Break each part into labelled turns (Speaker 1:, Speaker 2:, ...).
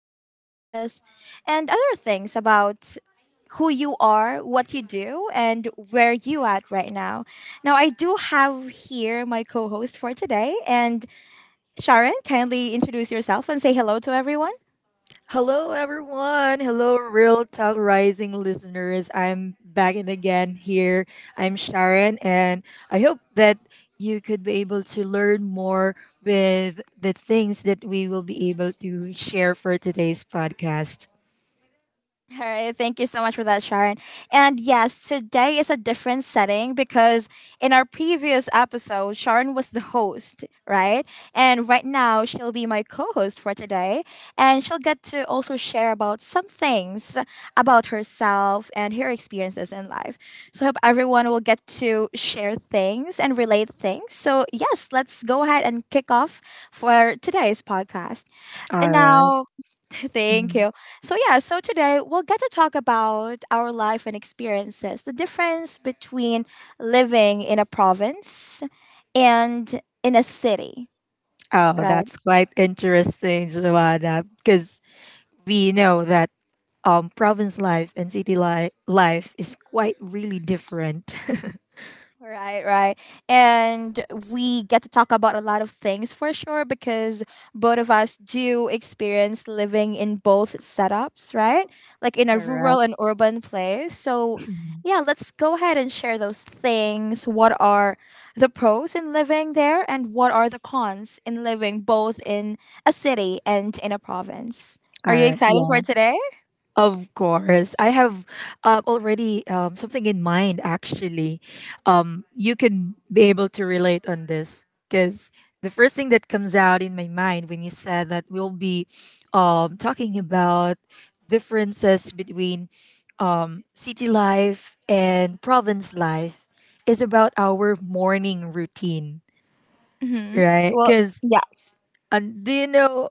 Speaker 1: experiences and other things about who you are, what you do, and where you at right now. Now, I do have here my co-host for today, and Sharon, kindly introduce yourself and say hello to everyone.
Speaker 2: Hello, everyone. Hello, Real Talk Rising listeners. I'm back in again here. I'm Sharon, and I hope that you could be able to learn more with the things that we will be able to share for today's podcast.
Speaker 1: All right, thank you so much for that, Sharon. And yes, today is a different setting because in our previous episode, Sharon was the host, right? And right now, she'll be my co host for today. And she'll get to also share about some things about herself and her experiences in life. So, I hope everyone will get to share things and relate things. So, yes, let's go ahead and kick off for today's podcast. And
Speaker 2: All right.
Speaker 1: now, thank
Speaker 2: Mm.
Speaker 1: you. So, yeah, so today we'll get to talk about our life and experiences, the difference between living in a province and in a city,
Speaker 2: Oh,
Speaker 1: right?
Speaker 2: that's quite interesting, Joanna, because we know that province life and life is quite really different.
Speaker 1: Right, right. And we get to talk about a lot of things for sure because both of us do experience living in both setups, right? Like in a rural
Speaker 2: Correct.
Speaker 1: and urban place. So,
Speaker 2: Mhm.
Speaker 1: yeah, let's go ahead and share those things. What are the pros in living there and what are the cons in living both in a city and in a province?
Speaker 2: All
Speaker 1: Are you
Speaker 2: right.
Speaker 1: excited
Speaker 2: Yeah.
Speaker 1: for today?
Speaker 2: Of course, I have already something in mind. Actually, you can be able to relate on this because the first thing that comes out in my mind when you said that we'll be talking about differences between city life and province life is about our morning routine,
Speaker 1: Mhm.
Speaker 2: right?
Speaker 1: Well,
Speaker 2: Because
Speaker 1: yeah.
Speaker 2: do you know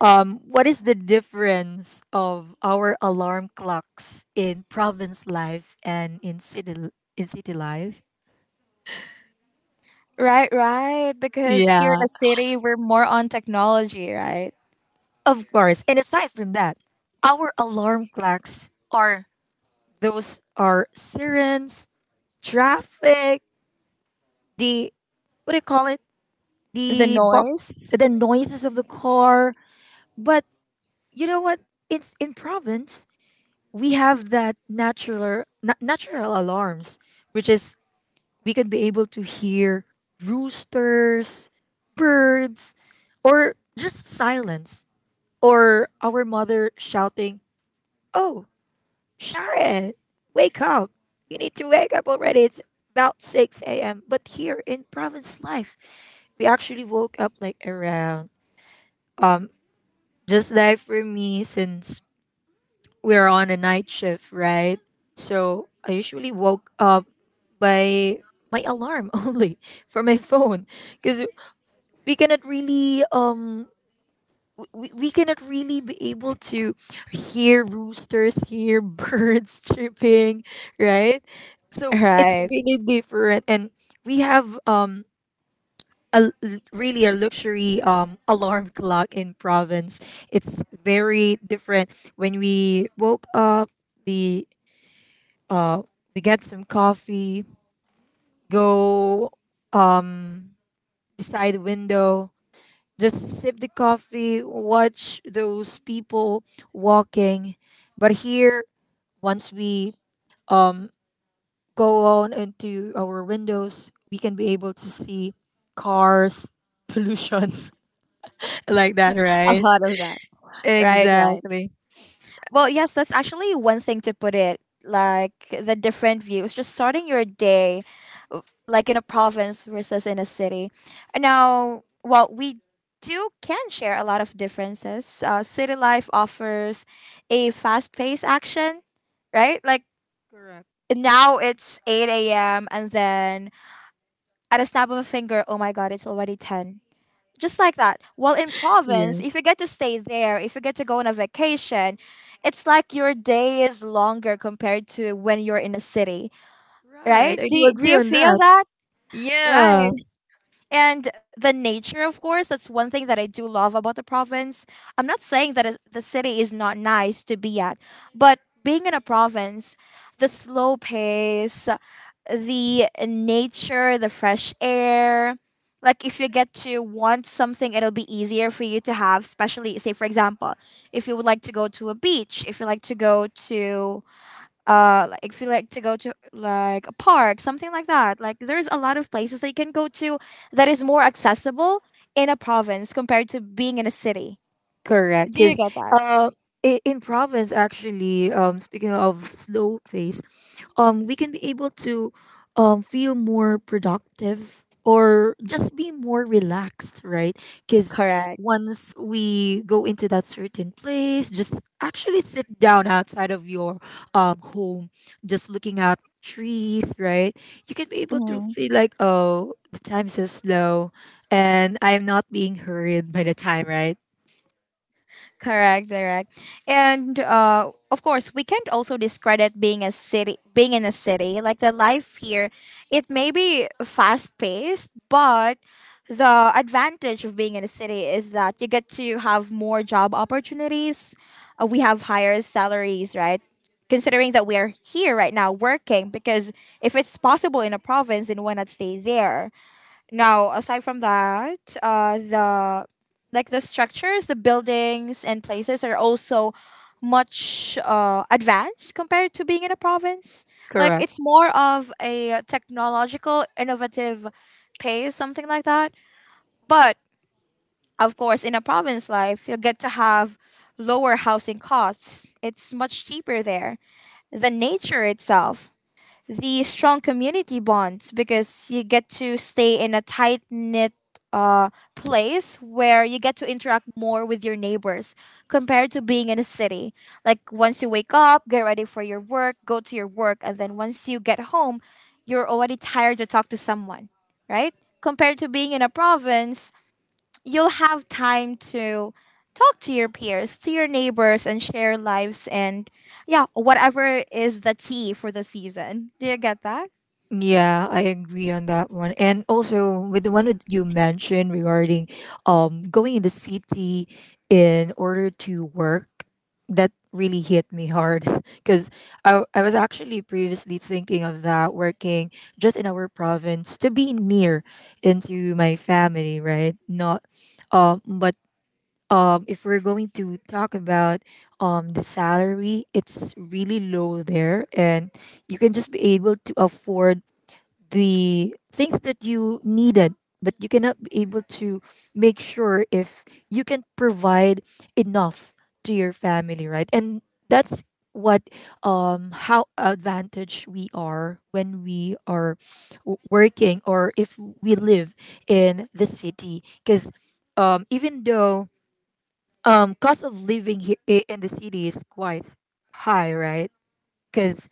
Speaker 2: what is the difference of our alarm clocks in province life and in city life?
Speaker 1: Right, right. Because here in
Speaker 2: Yeah,
Speaker 1: the city, we're more on technology, right?
Speaker 2: of course. And aside from that, our alarm clocks are those are sirens, traffic, the what do you call it?
Speaker 1: The
Speaker 2: The bop,
Speaker 1: noise,
Speaker 2: the noises of the car. But you know what? It's in province we have that natural alarms, which is we could be able to hear roosters, birds, or just silence, or our mother shouting, oh, Sharon, wake up. You need to wake up already. It's about 6 a.m. But here in province life, we actually woke up like around just like for me since we're on a night shift, right, so I usually woke up by my alarm only for my phone because we cannot really we cannot really be able to hear roosters hear birds chirping, right, so it's
Speaker 1: right?
Speaker 2: really different. And we have really a luxury alarm clock in province. It's very different. When we woke up, we uh we get some coffee, go um beside the window, just sip the coffee, watch those people walking. But here, once we um, go on into our windows, we can be able to see cars, pollution, like that,
Speaker 1: A
Speaker 2: right?
Speaker 1: lot of that. Right, right.
Speaker 2: Exactly.
Speaker 1: Well, yes, that's actually one thing to put it like the different views, just starting your day like in a province versus in a city. Now, well, we do can share a lot of differences. City life offers a fast paced action, right? Like
Speaker 2: Correct.
Speaker 1: now it's 8 a.m. and then at a snap of a finger, oh my god, it's already 10. Just like that. While in
Speaker 2: Yeah.
Speaker 1: province, if you get to stay there, if you get to go on a vacation, it's like your day is longer compared to when you're in a city, right?
Speaker 2: Right. I
Speaker 1: Do
Speaker 2: do
Speaker 1: you, do
Speaker 2: agree
Speaker 1: you
Speaker 2: on
Speaker 1: feel
Speaker 2: that.
Speaker 1: that?
Speaker 2: Yeah.
Speaker 1: Right. And the nature, of course, that's one thing that I do love about the province. I'm not saying that the city is not nice to be at, but being in a province, the slow pace, the nature, the fresh air, like if you get to want something, it'll be easier for you to have, especially, say, for example, if you would like to go to a beach, if you like to go to like if you like to go to like a park, something like that. Like there's a lot of places that you can go to that is more accessible in a province compared to being in a city.
Speaker 2: Correct,
Speaker 1: Do you
Speaker 2: because
Speaker 1: get that?
Speaker 2: uh, in province actually, speaking of slow pace, we can be able to feel more productive or just be more relaxed, right? Because
Speaker 1: Correct,
Speaker 2: once we go into that certain place, just actually sit down outside of your home, just looking at trees, right? You can be able to feel like, oh, the time is so slow, and I'm not being hurried by the time, right?
Speaker 1: correct, correct. And of course, we can't also discredit being a city being in a city. Like the life here, it may be fast paced, but the advantage of being in a city is that you get to have more job opportunities. We have higher salaries, right? Considering that we are here right now working, because if it's possible in a province, then why not stay there. Now, aside from that, the like the structures, the buildings and places are also much advanced compared to being in a province. Like
Speaker 2: Correct.
Speaker 1: it's more of a technological, innovative pace, something like that. But of course, in a province life, you'll get to have lower housing costs. It's much cheaper there. The nature itself, the strong community bonds, because you get to stay in a tight knit place where you get to interact more with your neighbors compared to being in a city. Like once you wake up, get ready for your work, go to your work, and then once you get home, you're already tired to talk to someone, right? Compared to being in a province, you'll have time to talk to your peers, to your neighbors, and share lives and, yeah, whatever is the tea for the season. Do you get that?
Speaker 2: Yeah, I agree on that one. And also with the one that you mentioned regarding going in the city in order to work, that really hit me hard. Because I was actually previously thinking of that working just in our province to be near into my family, right? Not but if we're going to talk about the salary, it's really low there, and you can just be able to afford the things that you needed, but you cannot be able to make sure if you can provide enough to your family, right? And that's what how advantaged we are when we are working, or if we live in the city, because even though cost of living here in the city is quite high, right? Because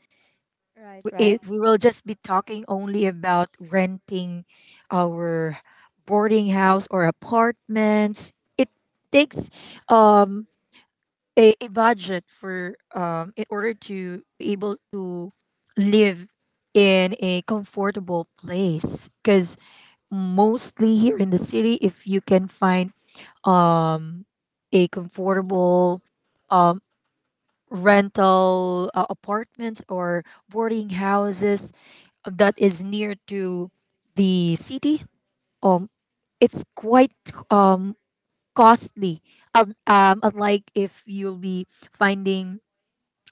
Speaker 1: Right,
Speaker 2: w-
Speaker 1: right.
Speaker 2: if we will just be talking only about renting our boarding house or apartments, it takes um a budget for in order to be able to live in a comfortable place, because mostly here in the city, if you can find um a comfortable rental apartments or boarding houses that is near to the city, um it's quite um costly. Unlike if you'll be finding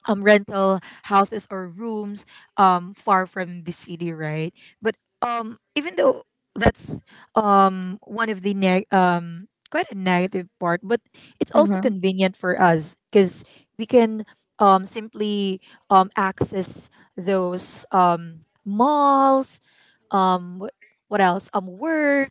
Speaker 2: rental houses or rooms far from the city, right? But even though that's one of the neg- quite a negative part, but it's also
Speaker 1: Mm-hmm.
Speaker 2: convenient for us because we can simply access those malls, wh- what else work,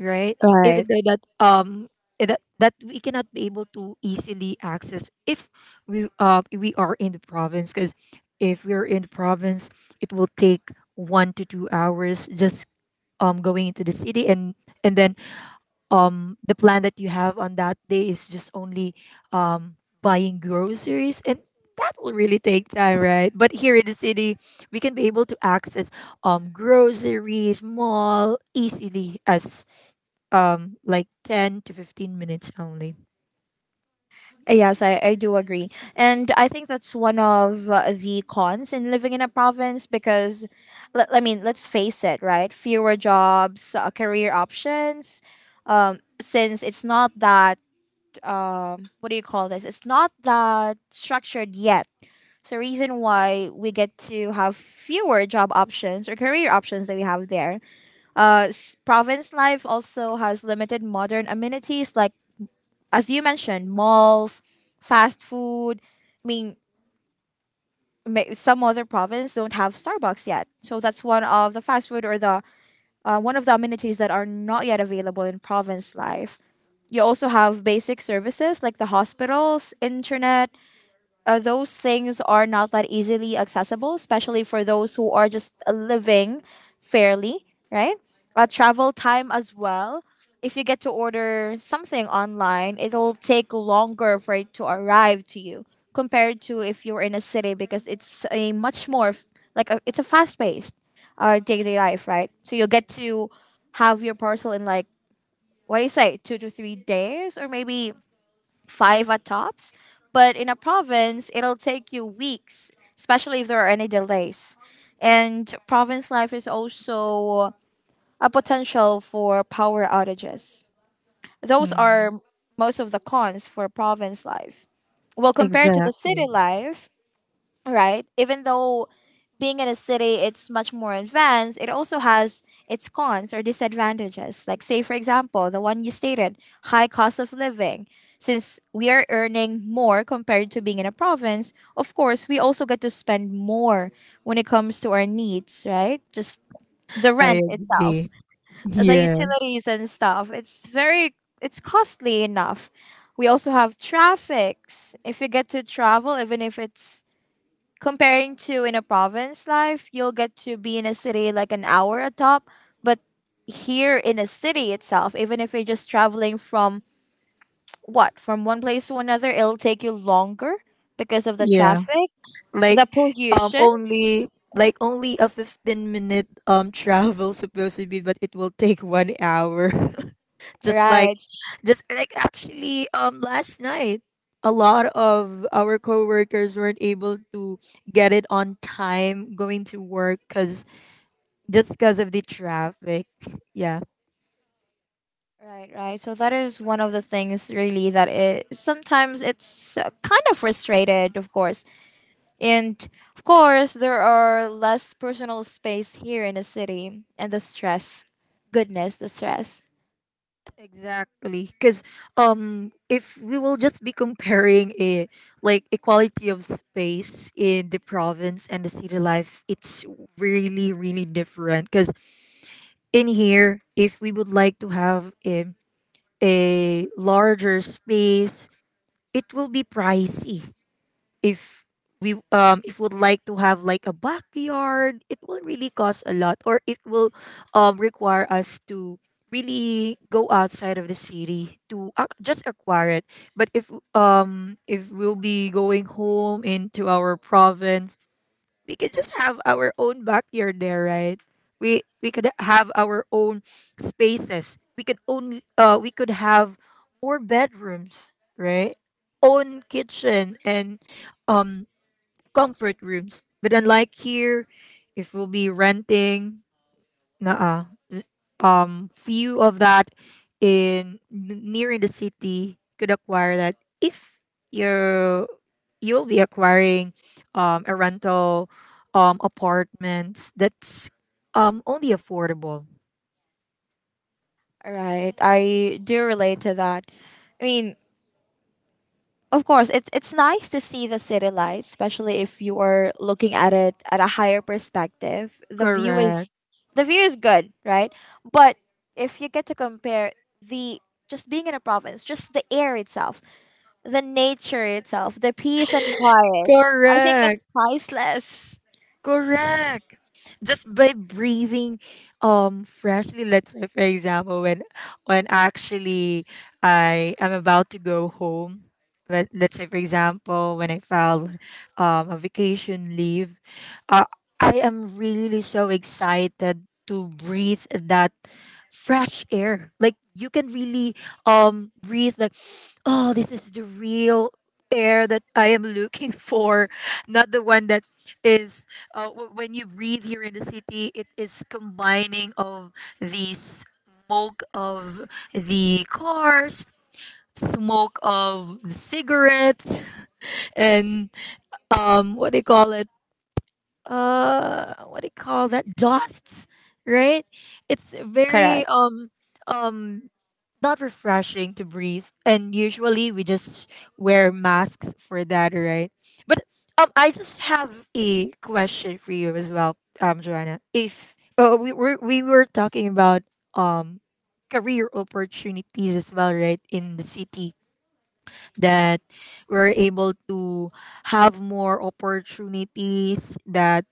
Speaker 2: right? Even
Speaker 1: Right.
Speaker 2: though that we cannot be able to easily access if we are in the province, because if we're in the province, it will take 1 to 2 hours just going into the city, and and then the plan that you have on that day is just only um buying groceries, and that will really take time, right? But here in the city, we can be able to access groceries mall easily as like 10 to 15 minutes only.
Speaker 1: Yes, I do agree. And I think that's one of the cons in living in a province, because, I mean, let's face it, right? Fewer jobs, career options. Since it's not that, what do you call this? It's not that structured yet. So, reason why we get to have fewer job options or career options that we have there. Province life also has limited modern amenities, like as you mentioned, malls, fast food. I mean, some other province don't have Starbucks yet, so that's one of the fast food or the one of the amenities that are not yet available in province life. You also have basic services like the hospitals, internet, those things are not that easily accessible, especially for those who are just living fairly, right? Travel time as well. If you get to order something online, it'll take longer for it to arrive to you, compared to if you're in a city, because it's a much more f- like a, it's a fast paced daily life, right? So you'll get to have your parcel in like, what do you say, 2 to 3 days, or maybe five at tops. But in a province, it'll take you weeks, especially if there are any delays. And province life is also a potential for power outages. Those are
Speaker 2: Mm,
Speaker 1: most of the cons for province life. Well, compared to the city
Speaker 2: exactly.
Speaker 1: life, right? Even though being in a city it's much more advanced, it also has its cons or disadvantages. Like say for example, the one you stated, high cost of living. Since we are earning more compared to being in a province, of course, we also get to spend more when it comes to our needs, right? Just the
Speaker 2: I
Speaker 1: rent itself,
Speaker 2: agree.
Speaker 1: the
Speaker 2: Yeah,
Speaker 1: utilities and stuff. It's costly enough. We also have traffics. If you get to travel, even if it's comparing to in a province life, you'll get to be in a city like an hour atop, but here in a city itself, even if you're just traveling from one place to another, it'll take you longer because of the
Speaker 2: yeah,
Speaker 1: traffic,
Speaker 2: like
Speaker 1: the pollution,
Speaker 2: only like only a 15 minute travel supposed to be, but it will take 1 hour. Just like
Speaker 1: right?
Speaker 2: just like actually last night, a lot of our coworkers weren't able to get it on time going to work, cuz just because of the traffic. Yeah,
Speaker 1: Right, right. So that is one of the things, really, that it sometimes it's kind of frustrated, of course. And of course, there are less personal space here in a city, and the stress, goodness, the stress.
Speaker 2: exactly, cuz if we will just be comparing a like equality of space in the province and the city life, it's really really different, cuz in here, if we would like to have a larger space, it will be pricey. If we if would like to have like a backyard, it will really cost a lot, or it will require us to really go outside of the city to ac just acquire it. But if we'll be going home into our province, we could just have our own backyard there, right? We could have our own spaces. We could only we could have more bedrooms, right? Own kitchen and um comfort rooms. But unlike here, if we'll be renting, nah, few of that near in the city could acquire that, if you're you'll be acquiring a rental apartments that's only affordable.
Speaker 1: Right. I do relate to that. I mean, of course, it's nice to see the city lights, especially if you are looking at it at a higher perspective. The view is
Speaker 2: Correct,
Speaker 1: the view is good, right? But if you get to compare the just being in a province, just the air itself, the nature itself, the peace and quiet, I think
Speaker 2: correct.
Speaker 1: that's priceless.
Speaker 2: Correct. Just by breathing freshly, let's say for example when actually I am about to go home. But let's say for example when I file a vacation leave, uh, I am really so excited to breathe that fresh air. Like you can really breathe like oh this is the real air that I am looking for, not the one that when you breathe here in the city, it is combining of the smoke of the cars, smoke of cigarettes, and what do you call it? What do you call that? Dusts, right? It's very
Speaker 1: Correct.
Speaker 2: um not refreshing to breathe, and usually we just wear masks for that, right? But I just have a question for you as well, Joanna. If we were talking about um career opportunities as well, right, in the city, that we're able to have more opportunities that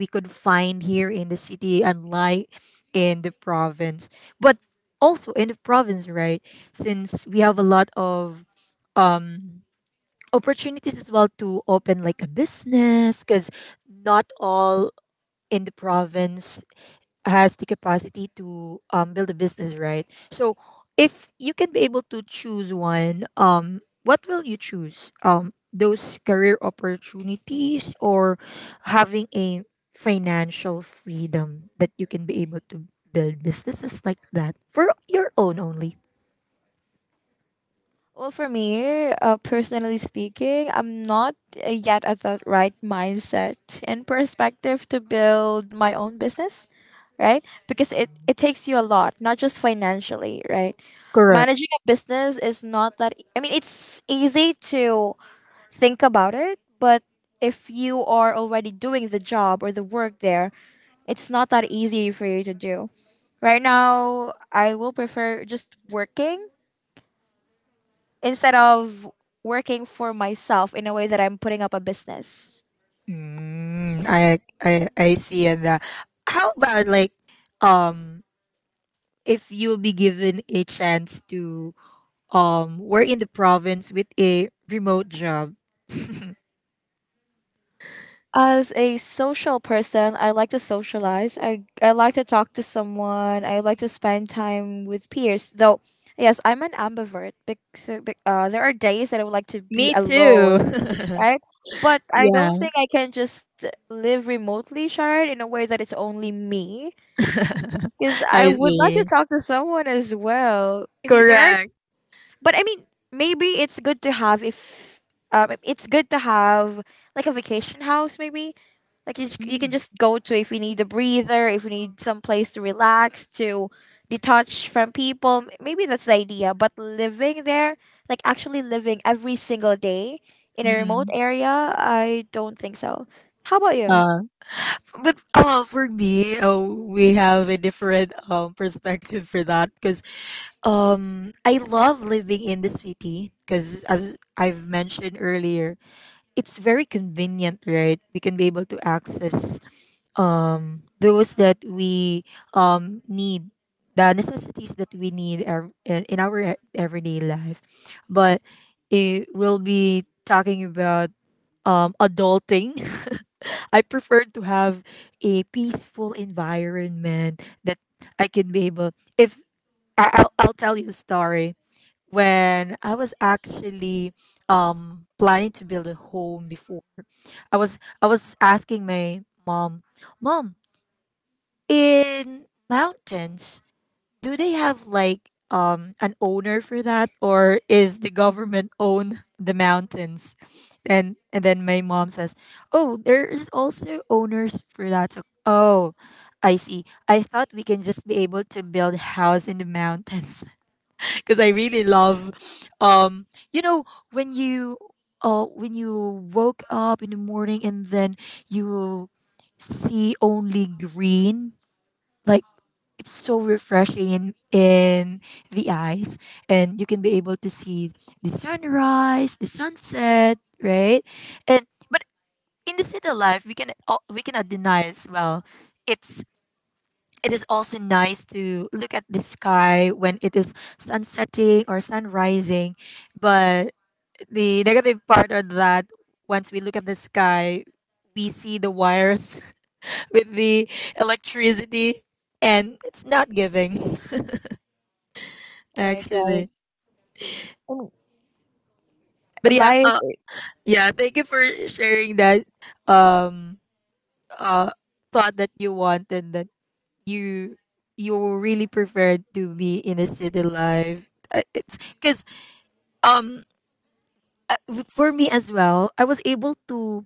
Speaker 2: we could find here in the city, unlike in the province. But also in the province, right? Since we have a lot of opportunities as well to open like a business, because not all in the province has the capacity to build a business, right? So if you can be able to choose one, what will you choose? Those career opportunities or having a financial freedom that you can be able to build businesses like that for your own only.
Speaker 1: Well, for me, personally speaking, I'm not yet at that right mindset and perspective to build my own business, right? Because it takes you a lot, not just financially, right?
Speaker 2: Correct.
Speaker 1: Managing a business is not that, I mean, it's easy to think about it, but if you are already doing the job or the work there, it's not that easy for you to do. Right now, I will prefer just working instead of working for myself in a way that I'm putting up a business.
Speaker 2: Mm, I see that. How about like um if you'll be given a chance to were in the province with a remote job.
Speaker 1: As a social person, I like to socialize. I like to talk to someone. I like to spend time with peers. Though, yes, I'm an ambivert. Because, there are days that I would like to be
Speaker 2: Me too.
Speaker 1: alone, right? But I
Speaker 2: Yeah.
Speaker 1: don't think I can just live remotely, Sharon, in a way that it's only me. Because I
Speaker 2: I
Speaker 1: would like to
Speaker 2: see.
Speaker 1: talk to someone as well. I mean, there are
Speaker 2: Correct.
Speaker 1: but I mean, maybe it's good to have if it's good to have like a vacation house, maybe. Like you, you can
Speaker 2: Mm.
Speaker 1: just go to if we need a breather, if we need some place to relax, to detach from people. Maybe that's the idea. But living there, like actually living every single day in a remote
Speaker 2: Mhm.
Speaker 1: area, I don't think so. How about you?
Speaker 2: Uh, but for me, we have a different perspective for that, because I love living in the city because, as I've mentioned earlier, it's very convenient, right? We can be able to access those that we need, the necessities that we need in our everyday life. But it will be talking about adulting, I prefer to have a peaceful environment that I can be able. If I'll tell you a story. When I was actually planning to build a home before, I was asking my mom, mom, in mountains, do they have like an owner for that, or is the government own the mountains? And then my mom says, "Oh, there is also owners for that." So, oh, I see. I thought we can just be able to build house in the mountains because I really love, um you know when you when you woke up in the morning, and then you see only green, like it's so refreshing in the eyes, and you can be able to see the sunrise, the sunset, right? And but in the city life, we cannot deny as well, it's it is also nice to look at the sky when it is sunsetting or sunrising. But the negative part of that, once we look at the sky, we see the wires with the electricity, and it's not giving.
Speaker 1: Right, right.
Speaker 2: Actually.
Speaker 1: I mean,
Speaker 2: But yeah,
Speaker 1: Life,
Speaker 2: yeah, thank you for sharing that um uh thought that you want, and that you you really preferred to be in a city life. It's cuz um for me as well, I was able to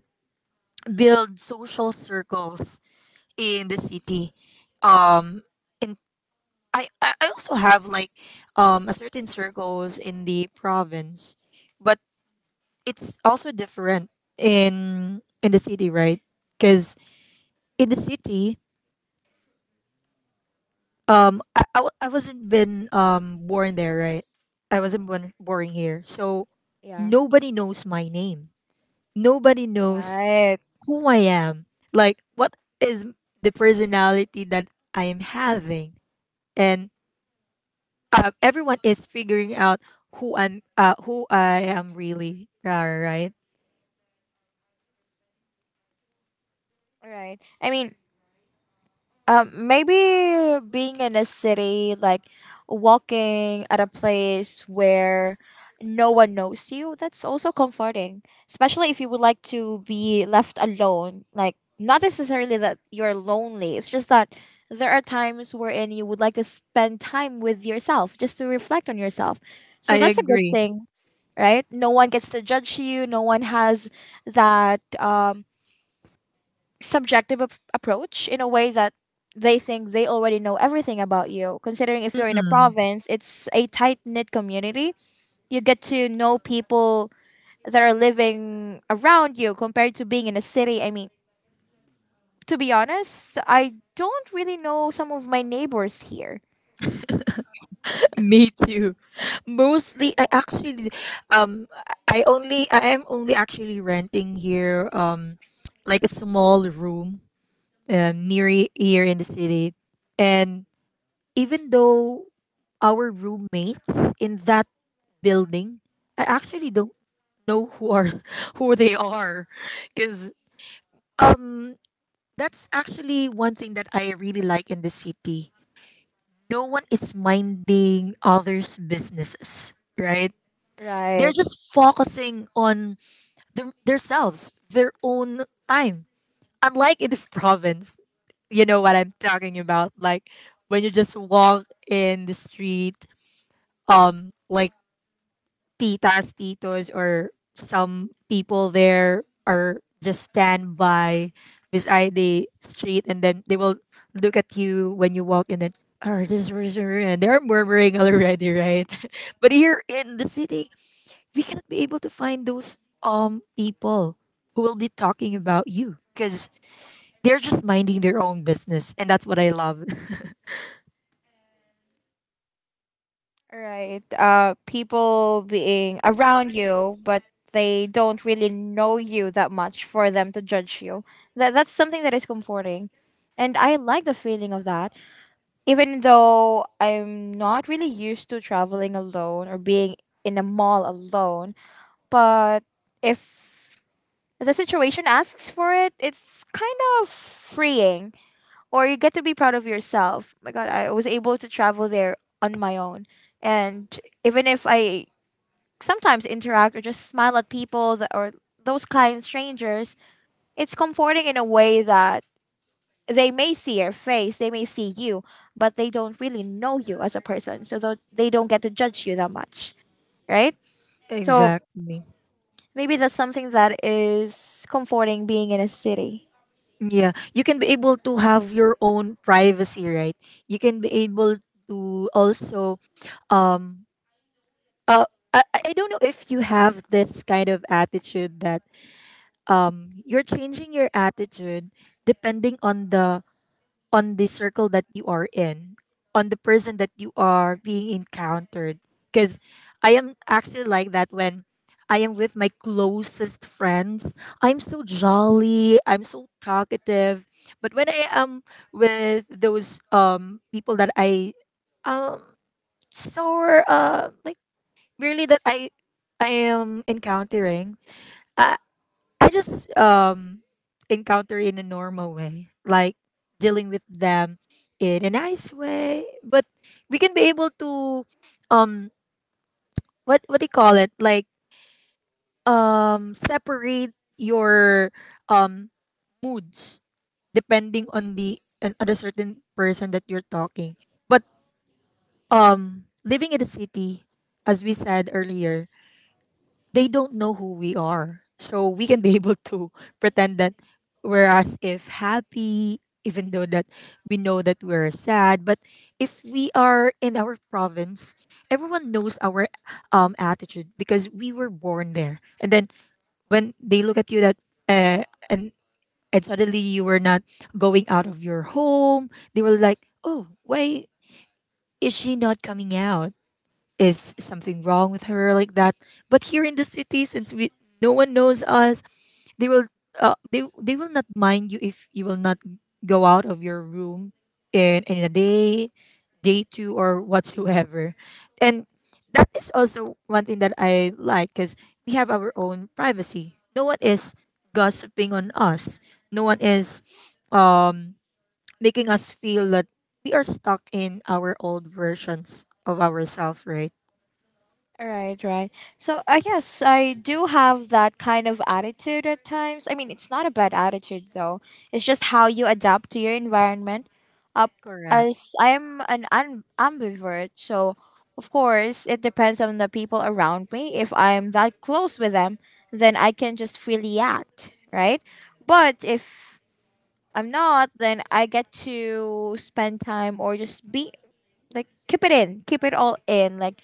Speaker 2: build social circles in the city. Um in I also have like a certain circles in the province. But it's also different in the city, right? Because in the city, I wasn't been born there, right? I wasn't born here, so
Speaker 1: yeah.
Speaker 2: nobody knows my name. Nobody knows
Speaker 1: Right,
Speaker 2: who I am. Like what is the personality that I am having, and everyone is figuring out who I'm, who I am really. Right?
Speaker 1: right. I mean, Maybe being in a city, like walking at a place where no one knows you, that's also comforting. Especially if you would like to be left alone. Like, not necessarily that you're lonely, it's just that there are times wherein you would like to spend time with yourself just to reflect on yourself. So
Speaker 2: I
Speaker 1: that's a good
Speaker 2: agree.
Speaker 1: thing, right? No one gets to judge you. No one has that subjective approach in a way that they think they already know everything about you. Considering if you're in a province, it's a tight knit community. You get to know people that are living around you compared to being in a city. I mean, to be honest, I don't really know some of my neighbors here.
Speaker 2: Me too. Mostly, I actually, um, I am only actually renting here, like a small room, here in the city, and even though our roommates in that building, I actually don't know who are who they are, because um, that's actually one thing that I really like in the city. No one is minding others' businesses, right? They're
Speaker 1: Right.
Speaker 2: just focusing on their, themselves, their own time. Unlike in the province, you know what I'm talking about. Like when you just walk in the street, like titas, titos, or some people there are just stand by beside the street, and then they will look at you when you walk, and then. Oh, this, person, and they're murmuring already, right? But here in the city, we cannot be able to find those people who will be talking about you because they're just minding their own business, and that's what I love.
Speaker 1: Right. People being around you, but they don't really know you that much for them to judge you. That's something that is comforting, and I like the feeling of that. Even though I'm not really used to traveling alone or being in a mall alone, but if the situation asks for it, it's kind of freeing, or you get to be proud of yourself. My God, I was able to travel there on my own, and even if I sometimes interact or just smile at people that, or those kind strangers, it's comforting in a way that they may see your face, they may see you, but they don't really know you as a person, so they don't get to judge you that much, right? So
Speaker 2: Exactly.
Speaker 1: maybe that's something that is comforting being in a city.
Speaker 2: Yeah, you can be able to have your own privacy, right? You can be able to also, um uh I don't know if you have this kind of attitude that you're changing your attitude depending on the circle that you are in, on the person that you are being encountered. Because I am actually like that when I am with my closest friends. I'm so jolly, I'm so talkative. But when I am with those people that I um, so like really that I am encountering, uh, I just encounter in a normal way, like dealing with them in a nice way. But we can be able to, um what do you call it? Like, separate your um moods depending on the certain person that you're talking. But living in the city, as we said earlier, they don't know who we are. So we can be able to pretend that we're as if happy, even though that we know that we're sad. But if we are in our province, everyone knows our attitude because we were born there. And then when they look at you that, uh, and and suddenly you were not going out of your home, they were like, "Oh, why is she not coming out? Is something wrong with her?" Like that. But here in the city, since we no one knows us, they will, they will not mind you if you will not go out of your room in a day, day two, or whatsoever, and that is also one thing that I like, because we have our own privacy. No one is gossiping on us, no one is um making us feel that we are stuck in our old versions of ourselves, right?
Speaker 1: Right, right. So I guess I do have that kind of attitude at times. I mean, it's not a bad attitude though. It's just how you adapt to your environment. Up
Speaker 2: Correct.
Speaker 1: as I'm an ambivert, so of course it depends on the people around me. If I'm that close with them, then I can just freely act, right? But if I'm not, then I get to spend time or just be like keep it in, keep it all in, like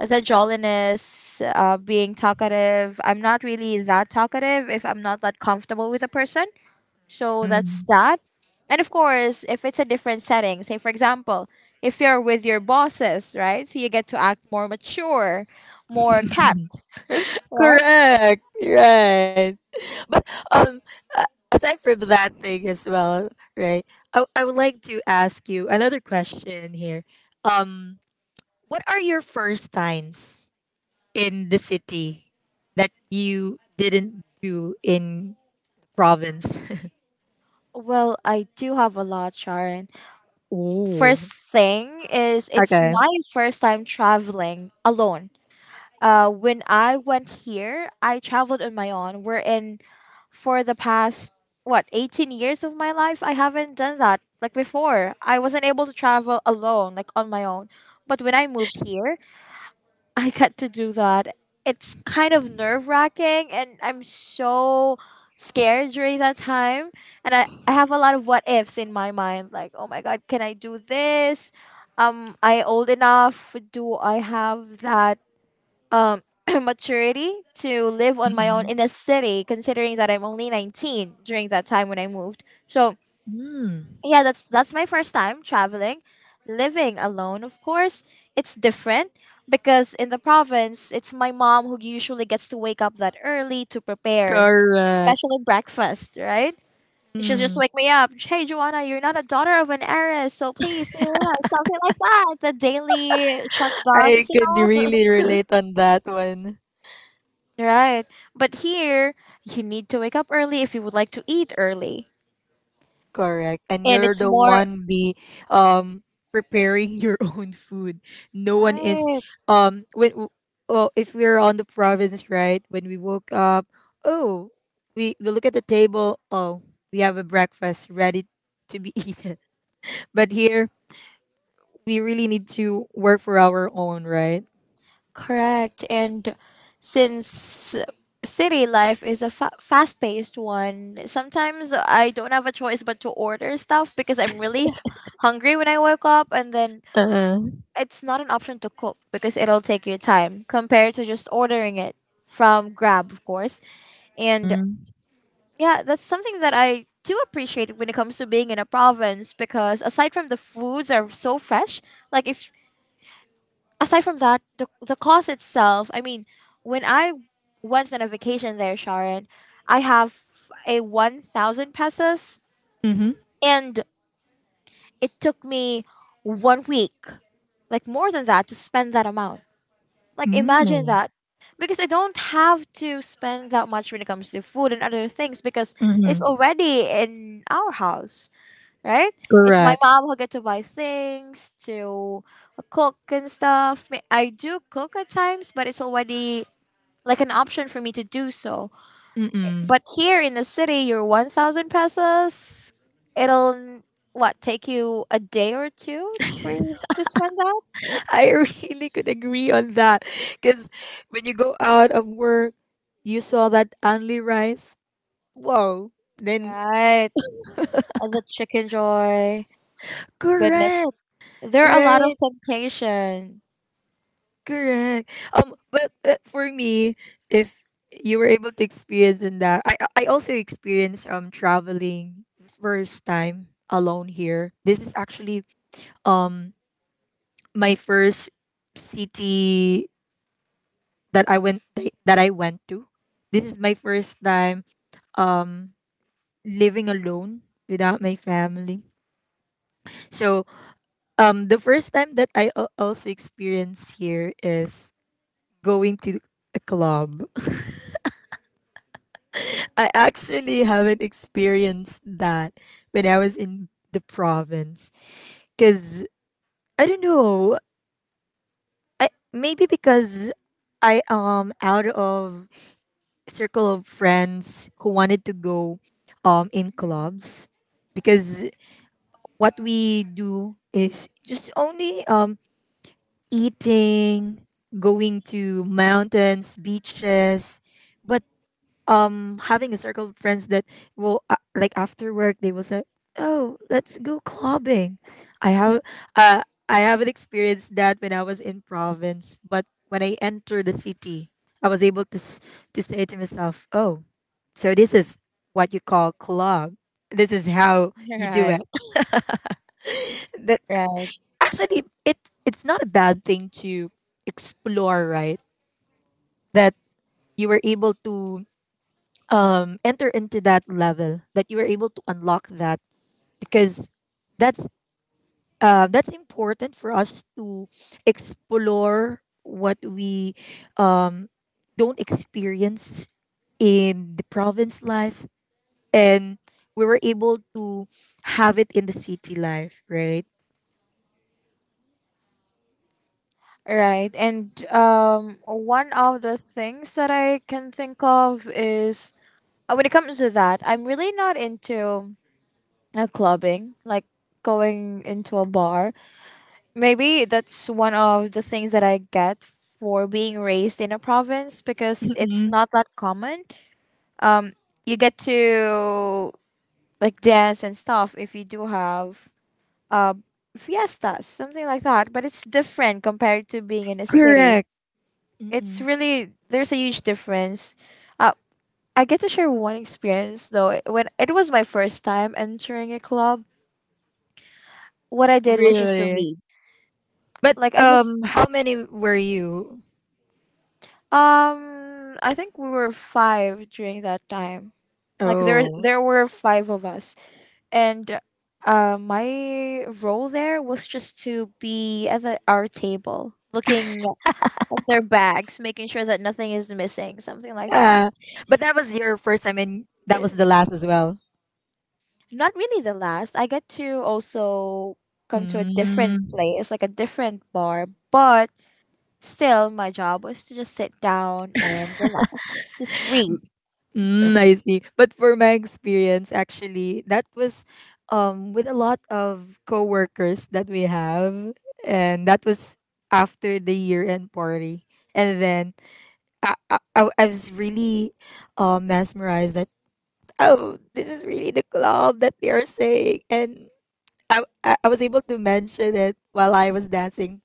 Speaker 1: the jolliness, being talkative. I'm not really that talkative if I'm not that comfortable with a person. So that's
Speaker 2: Mm.
Speaker 1: that. And of course, if it's a different setting, say for example, if you're with your bosses, right? So you get to act more mature, more capped, right?
Speaker 2: Correct. Right. But um, a- aside from that thing as well, right? I would like to ask you another question here. Um, what are your first times in the city that you didn't do in province?
Speaker 1: Well, I do have a lot, Sharon.
Speaker 2: Ooh.
Speaker 1: First thing is it's
Speaker 2: Okay.
Speaker 1: my first time traveling alone. When I went here, I traveled on my own. We're in, for the past what 18 years of my life, I haven't done that. Like before, I wasn't able to travel alone, like on my own. But when I moved here, I got to do that. It's kind of nerve wracking, and I'm so scared during that time. And I have a lot of what ifs in my mind. Like, oh my god, can I do this? I old enough? Do I have that um maturity to live on my own
Speaker 2: Mm-mm.
Speaker 1: in a city considering that I'm only 19 during that time when I moved. So,
Speaker 2: Mm.
Speaker 1: yeah, that's my first time traveling, living alone, of course. It's different because in the province, it's my mom who usually gets to wake up that early to prepare,
Speaker 2: Correct.
Speaker 1: especially breakfast, right? She'll just
Speaker 2: Mm.
Speaker 1: wake me up. Hey, Joanna, you're not a daughter of an heiress, so please, you know, something like that. The daily
Speaker 2: I
Speaker 1: shotguns and
Speaker 2: could
Speaker 1: all.
Speaker 2: really relate on that one.
Speaker 1: Right. But here, you need to wake up early if you would like to eat early.
Speaker 2: Correct. And
Speaker 1: And
Speaker 2: you're
Speaker 1: it's
Speaker 2: the
Speaker 1: more.
Speaker 2: one be, um preparing your own food. No one is.
Speaker 1: Right.
Speaker 2: um when w- oh, if we're on the province, right? When we woke up, oh, we look at the table, oh, we have a breakfast ready to be eaten. But here we really need to work for our own, right?
Speaker 1: Correct. And since city life is a fast paced one, sometimes I don't have a choice but to order stuff because I'm really hungry when I wake up. And then
Speaker 2: Uh,
Speaker 1: it's not an option to cook because it'll take you time compared to just ordering it from Grab, of course. And
Speaker 2: mm-hmm.
Speaker 1: yeah, that's something that I do appreciate when it comes to being in a province because aside from the foods are so fresh, like if aside from that, the cost itself, I mean, when I went on a vacation there, Sharon, I have a 1,000 pesos,
Speaker 2: Mm-hmm.
Speaker 1: and it took me 1 week, like more than that to spend that amount. Like imagine
Speaker 2: Mm-hmm.
Speaker 1: that. Because I don't have to spend that much when it comes to food and other things because it's
Speaker 2: Mm-hmm.
Speaker 1: already in our house, right? It's my
Speaker 2: Correct.
Speaker 1: mom who get to buy things, to cook and stuff. Me- I do cook at times, but it's already like an option for me to do so.
Speaker 2: Mm-mm.
Speaker 1: But here in the city, your 1,000 pesos, it'll what take you a day or two for you to spend that?
Speaker 2: I really could agree on that. Because when you go out of work, you saw that only rice. Whoa. Then,
Speaker 1: Right. And the chicken joy. Goodness.
Speaker 2: correct.
Speaker 1: There are a lot of
Speaker 2: Right.
Speaker 1: temptation.
Speaker 2: Correct. But for me, if you were able to experience in that, I also experienced traveling first time alone here. This is actually um my first city that I went that I went to. This is my first time living alone without my family. So, the first time that I also experienced here is going to a club. I actually haven't experienced that when I was in the province because I don't know. I maybe because I out of circle of friends who wanted to go in
Speaker 1: Mhm.
Speaker 2: clubs because what we do is just only eating, going to mountains, beaches, but having a circle of friends that will, like after work they will say, "Oh, let's go clubbing." I have uh I haven't experienced that when I was in province, but when I entered the city, I was able to say to myself, "Oh, so this is what you call club. This is how you do
Speaker 1: Right.
Speaker 2: it." That
Speaker 1: Right.
Speaker 2: actually, it's not a bad thing to explore, right? That you were able to, enter into that level, that you were able to unlock that, because that's, that's important for us to explore what we, um, don't experience in the province life, and we were able to have it in the city life, right?
Speaker 1: Right. And one of the things that I can think of is when it comes to that, I'm really not into clubbing, like going into a bar. Maybe that's one of the things that I get for being raised in a province because it's
Speaker 2: Mm-mm.
Speaker 1: not that common. Um, you get to like dance and stuff if you do have uh, fiestas, something like that. But it's different compared to being in a city.
Speaker 2: Correct.
Speaker 1: It's
Speaker 2: Mm-mm.
Speaker 1: really there's a huge difference. Uh, I get to share one experience though. When it was my first time entering a club, what I did was just to
Speaker 2: Really.
Speaker 1: read.
Speaker 2: But
Speaker 1: Like I just
Speaker 2: how many were you?
Speaker 1: I think we were 5 during that time. Like there
Speaker 2: Oh.
Speaker 1: there were 5 of us, and my role there was just to be at the, our table, looking at their bags, making sure that nothing is missing, something like that.
Speaker 2: Uh, but that was your first time, and that was the last as well.
Speaker 1: Not really the last. I get to also come to a different
Speaker 2: Mm,
Speaker 1: place, like a different bar, but still my job was to just sit down and relax, just read.
Speaker 2: mm, I see. But for my experience, actually, that was, with a lot of coworkers that we have, and that was after the year-end party. And then I was really, mesmerized that, oh, this is really the club that they are saying, and I was able to mention it while I was dancing.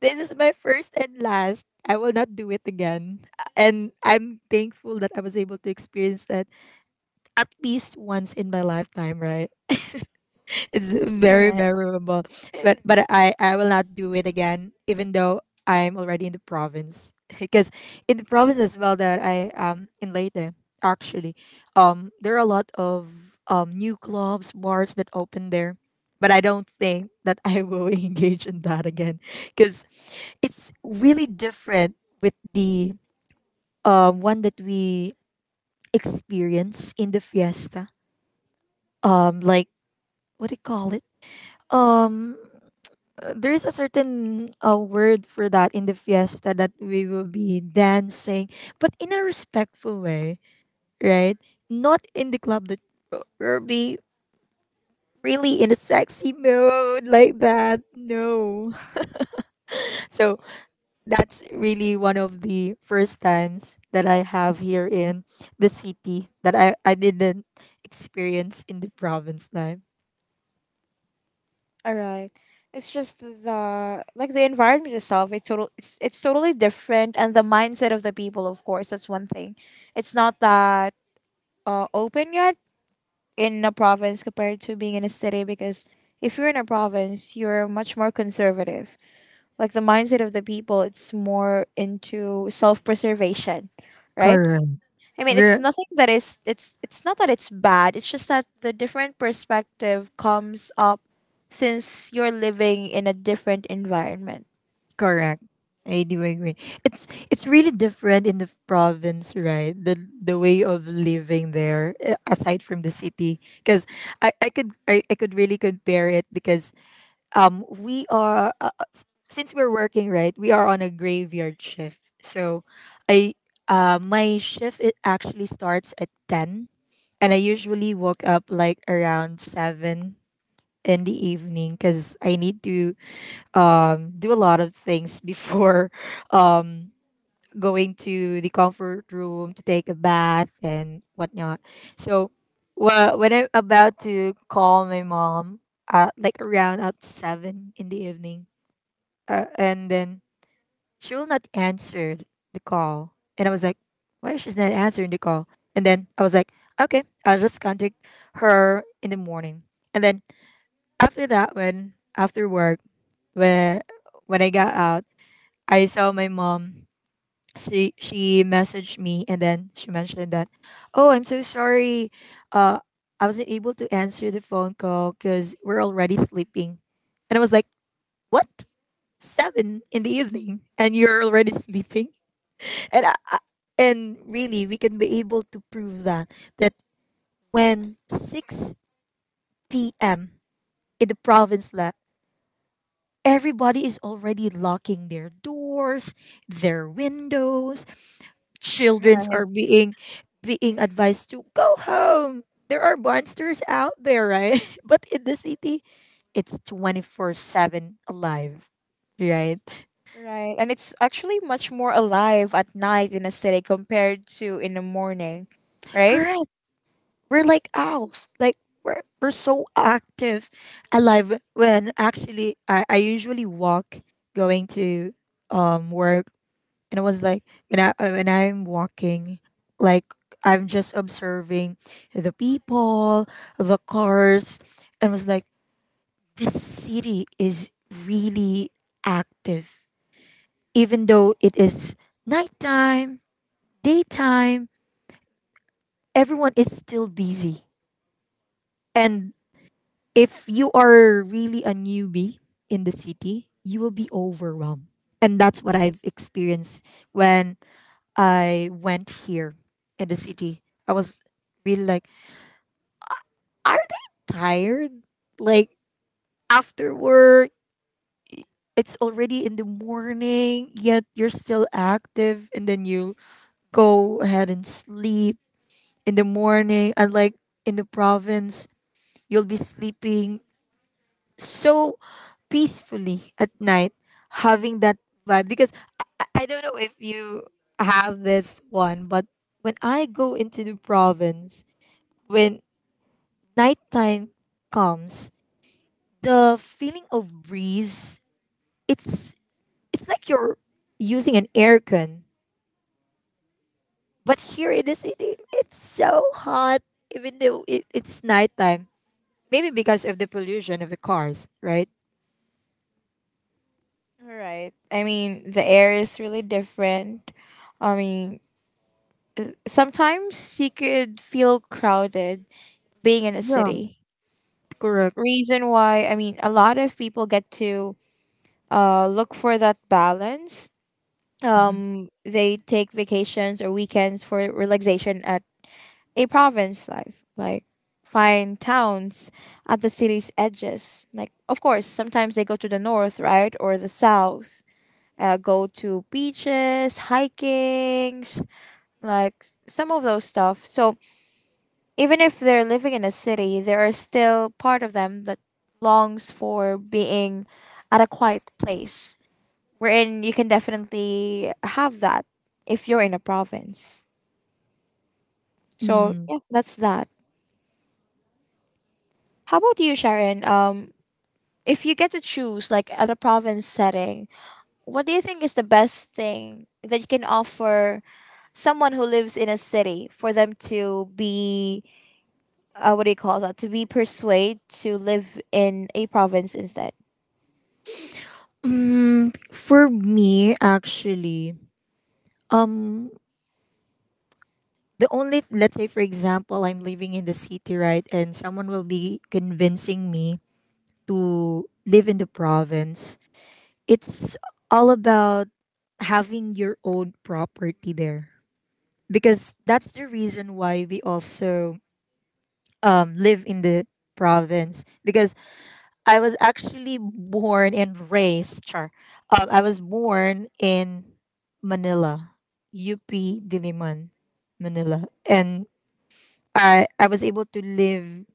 Speaker 2: This is my first and last. I will not do it again. And I'm thankful that I was able to experience that at least once in my lifetime, right? It's
Speaker 1: All
Speaker 2: very
Speaker 1: right.
Speaker 2: memorable. But I will not do it again, even though I'm already in the province. Because in the province as well that I, in Leyte, actually, there are a lot of new clubs, bars that open there. But I don't think that I will engage in that again, because it's really different with the one that we experience in the fiesta. Like, what do you call it? Um, there's a certain, word for that in the fiesta that we will be dancing, but in a respectful way, right? Not in the club that, we'll be really in a sexy mode like that. No. So that's really one of the first times that I have here in the city that I didn't experience in the province life.
Speaker 1: All right. It's just the like the environment itself. It's total. It's totally different, and the mindset of the people, of course, that's one thing. It's not that open yet in a province compared to being in a city because if you're in a province, you're much more conservative. Like the mindset of the people, it's more into self-preservation, right?
Speaker 2: Correct.
Speaker 1: I mean, it's nothing that is, it's not that it's bad, it's just that the different perspective comes up since you're living in a different environment.
Speaker 2: Correct. I do agree. It's really different in the province, right? The way of living there, eh, aside from the city, because I could really compare it because we are, since we're working, right? We are on a graveyard shift. So, I my shift, it actually starts at 10, and I usually woke up like around 7 in the evening because I need to, do a lot of things before um, going to the comfort room to take a bath and whatnot. So, when I'm about to call my mom, like around at 7 in the evening, and then she will not answer the call, and I was like, why she's not answering the call? And then I was like, okay, I'll just contact her in the morning. And then after that, when after work, when when I got out, I saw my mom. She messaged me and then she mentioned that, "Oh, I'm so sorry. Uh, I wasn't able to answer the phone call because we're already sleeping." And I was like, "What? Seven in the evening, and you're already sleeping?" And and really, we can be able to prove that when six p.m. in the province left, everybody is already locking their doors, their windows, childrens are
Speaker 1: Right.
Speaker 2: being advised to go home. There are monsters out there, right? But in the city, it's 24/7 alive, right?
Speaker 1: Right. And it's actually much more alive at night in a city compared to in the morning, right?
Speaker 2: Correct. We're like owls. Like we're so active alive when actually I usually walk going to work. And it was like when I when I'm walking, like I'm just observing the people, the cars, and was like this city is really active. Even though it is nighttime, daytime, everyone is still busy. And if you are really a newbie in the city, you will be overwhelmed. And that's what I've experienced when I went here in the city. I was really like, are they tired? Like after work? It's already in the morning, yet you're still active, and then you go ahead and sleep in the morning. Unlike in the province, you'll be sleeping so peacefully at night, having that vibe. Because I don't know if you have this one, but when I go into the province, when nighttime comes, the feeling of breeze, it's it's like you're using an aircon. But here in the city, it's so hot, even though it's nighttime. Maybe because of the pollution of the cars, right?
Speaker 1: Right. I mean, the air is really different. I mean, sometimes you could feel crowded being in a
Speaker 2: Yeah,
Speaker 1: city.
Speaker 2: correct.
Speaker 1: Reason why, I mean, a lot of people get to look for that balance.
Speaker 2: Mhm.
Speaker 1: They take vacations or weekends for relaxation at a province life, like fine towns at the city's edges. Like, of course, sometimes they go to the north, right? Or the south. Go to beaches, hikings, like some of those stuff. So even if they're living in a city, there are still part of them that longs for being at a quiet place wherein you can definitely have that if you're in a province. So
Speaker 2: Mm.
Speaker 1: yeah, that's that. How about you, Sharon? If you get to choose, like at a province setting, what do you think is the best thing that you can offer someone who lives in a city for them to be, what do you call that, to be persuaded to live in a province instead?
Speaker 2: Mm, for me, actually, um, the only, let's say for example, I'm living in the city, right, and someone will be convincing me to live in the province. It's all about having your own property there, because that's the reason why we also live in the province. Because I was actually born and raised. Char, I was born in Manila, UP Diliman, Manila, and I was able to live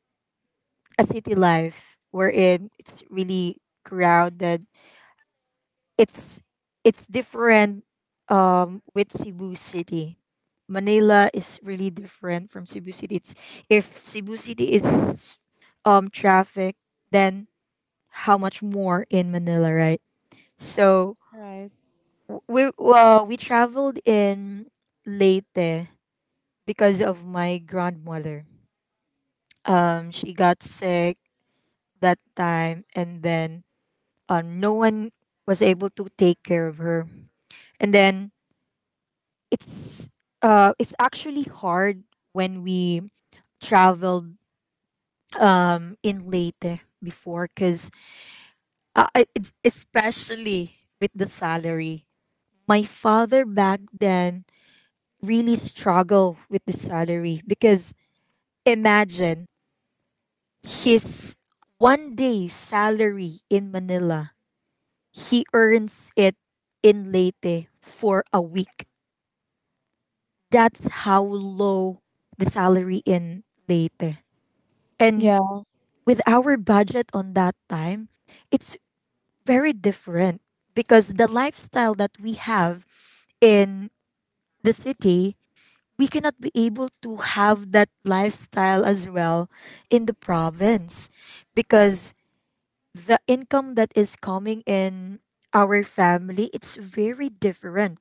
Speaker 2: a city life wherein it's really crowded. It's it's different with Cebu City. Manila is really different from Cebu City. It's, if Cebu City is traffic, then how much more in Manila, right? So
Speaker 1: Right.
Speaker 2: we traveled in Leyte because of my grandmother. She got sick that time, and then no one was able to take care of her. And then it's it's actually hard when we traveled in late before, because especially with the salary, my father back then really struggled with the salary, because imagine his 1 day salary in manila, he earns it in leyte for a week. That's how low the salary in leyte. And
Speaker 1: Yeah.
Speaker 2: with our budget on that time, it's very different, because the lifestyle that we have in the city, we cannot be able to have that lifestyle as well in the province, because the income that is coming in our family, it's very different.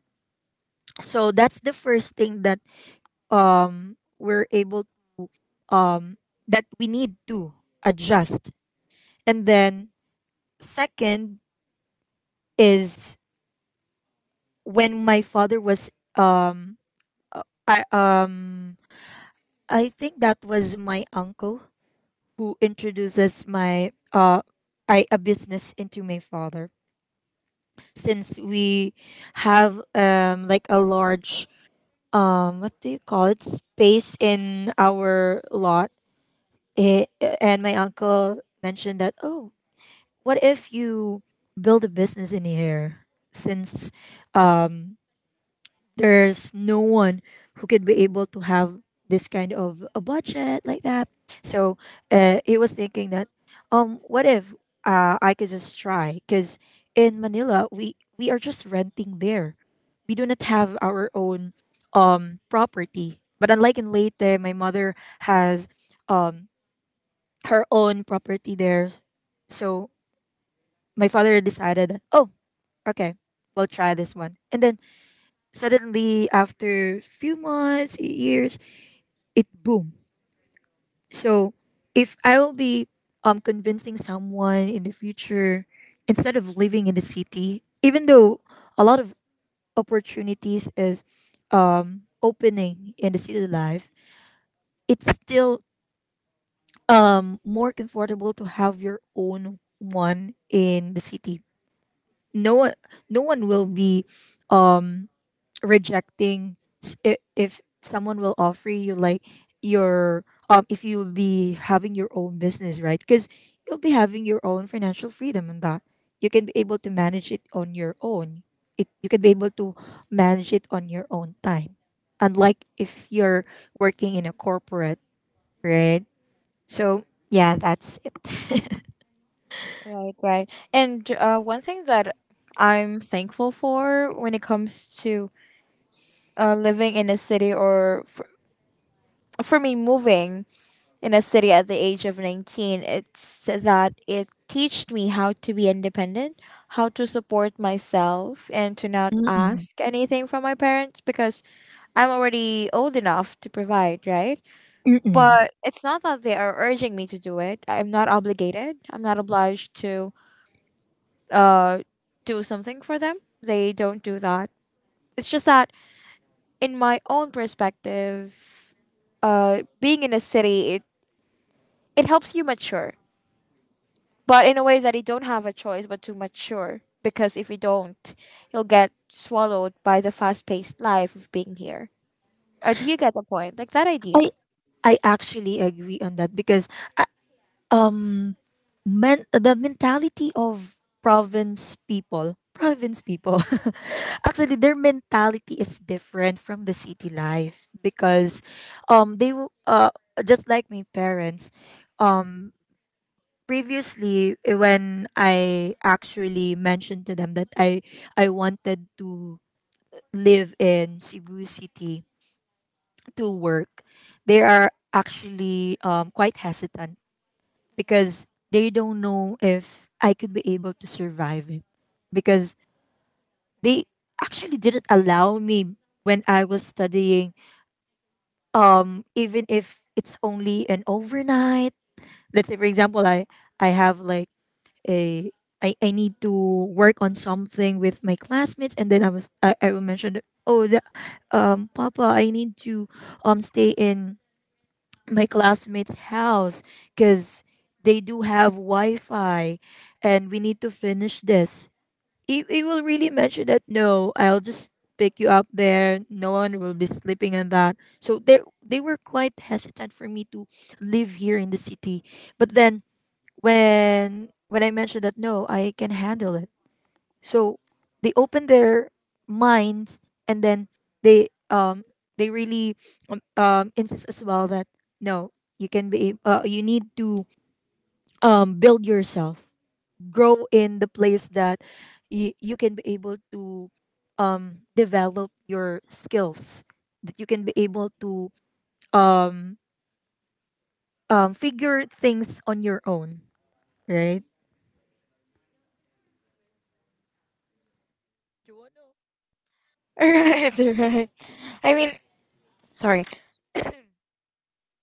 Speaker 2: So that's the first thing that we're able that we need to adjust. And then second is, when my father was um I um I think that was my uncle who introduces my I a business into my father. Since we have like a large, what do you call it, space in our lot, it, and my uncle mentioned that, oh, what if you build a business in here, since, um, there's no one who could be able to have this kind of a budget like that. So he was thinking that, what if I could just try? Because in Manila, we are just renting there. We do not have our own property. But unlike in Leyte, my mother has um her own property there. So my father decided that, oh, okay, we'll try this one. And then suddenly after few months years, it boom. So if I will be convincing someone in the future, instead of living in the city, even though a lot of opportunities is opening in the city life, it's still more comfortable to have your own one in the city. no one no one will be um rejecting if someone will offer you like your if you'll be having your own business, right? Because you'll be having your own financial freedom, and that you can be able to manage it on your own. It, you can be able to manage it on your own time, unlike if you're working in a corporate, right? So yeah, that's it.
Speaker 1: Right. Right. And one thing that I'm thankful for when it comes to living in a city, or for me moving in a city at the age of 19, it's that it taught me how to be independent, how to support myself, and to not
Speaker 2: Mm-mm.
Speaker 1: ask anything from my parents because I'm already old enough to provide, right?
Speaker 2: Mm-mm.
Speaker 1: But it's not that they are urging me to do it. I'm not obligated. I'm not obliged to uh, do something for them. They don't do that. It's just that, in my own perspective, being in a city, it helps you mature, but in a way that you don't have a choice but to mature. Because if you don't, you'll get swallowed by the fast paced life of being here. Do you get the point? Like that
Speaker 2: I
Speaker 1: idea.
Speaker 2: I actually agree on that, because uh, um men the mentality of province people actually their mentality is different from the city life, because um they w- uh just like my parents previously, when I actually mentioned to them that i wanted to live in cebu city to work, they are actually quite hesitant, because they don't know if I could be able to survive it. Because they actually didn't allow me when I was studying, even if it's only an overnight. Let's say, for example, I have like a I need to work on something with my classmates, and then I will mention that, oh the, papa, I need to stay in my classmates' house, because they do have Wi-Fi, and we need to finish this. He will really mention that, no, I'll just pick you up there. No one will be sleeping on that. So they were quite hesitant for me to live here in the city. But then, when I mentioned that no, I can handle it, so they open their minds. And then they um they really insist as well that, no, you can be you need to build yourself, grow in the place that you can be able to develop your skills, that you can be able to um figure things on your own, right?
Speaker 1: Right, right. I mean, sorry.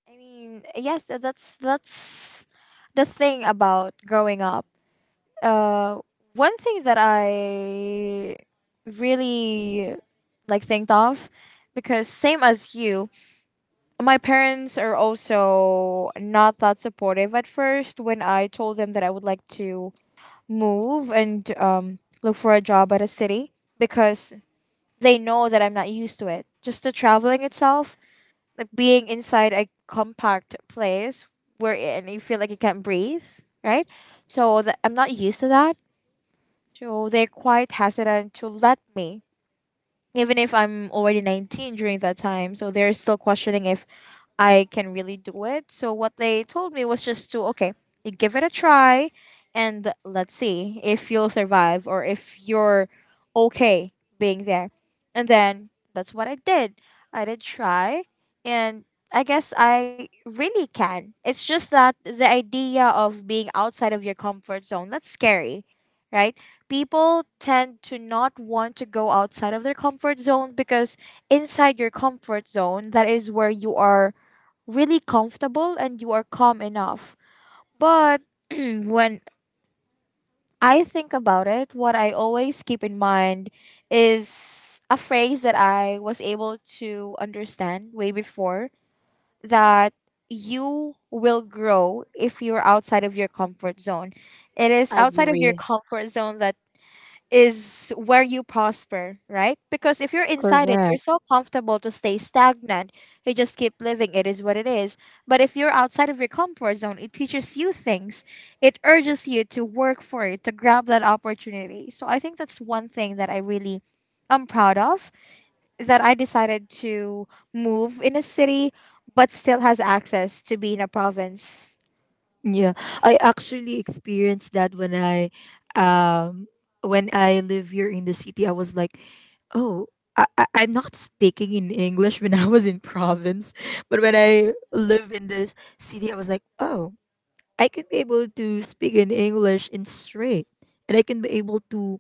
Speaker 1: I mean, yes, that's the thing about growing up. Uh, one thing that I really like think of, because same as you, my parents are also not that supportive at first when I told them that I would like to move and look for a job at a city, because they know that I'm not used to it, just the traveling itself, like being inside a compact place where and you feel like you can't breathe, right? So that I'm not used to that. So they're quite hesitant to let me, even if I'm already 19 during that time. So they're still questioning if I can really do it. So what they told me was just to, okay, you give it a try, and let's see if you'll survive or if you're okay being there. And then that's what I did. I did try, and I guess I really can. It's just that the idea of being outside of your comfort zone, that's scary, right? People tend to not want to go outside of their comfort zone because inside your comfort zone, that is where you are really comfortable and you are calm enough. But when I think about it, what I always keep in mind is a phrase that I was able to understand way before that you will grow if you're outside of your comfort zone. It is
Speaker 2: I
Speaker 1: outside of your
Speaker 2: agree.
Speaker 1: comfort zone that is where you prosper, right? Because if you're inside it, you're
Speaker 2: Correct.
Speaker 1: so comfortable to stay stagnant. You just keep living. It is what it is. But if you're outside of your comfort zone, it teaches you things. It urges you to work for it, to grab that opportunity. So I think that's one thing that I really am proud of that I decided to move in a city but still has access to be in a province.
Speaker 2: Yeah, I actually experienced that when um, when I live here in the city. I was like, oh, I'm not speaking in English when I was in province, but when I live in this city, I was like, oh, I can be able to speak in English in straight, and I can be able to,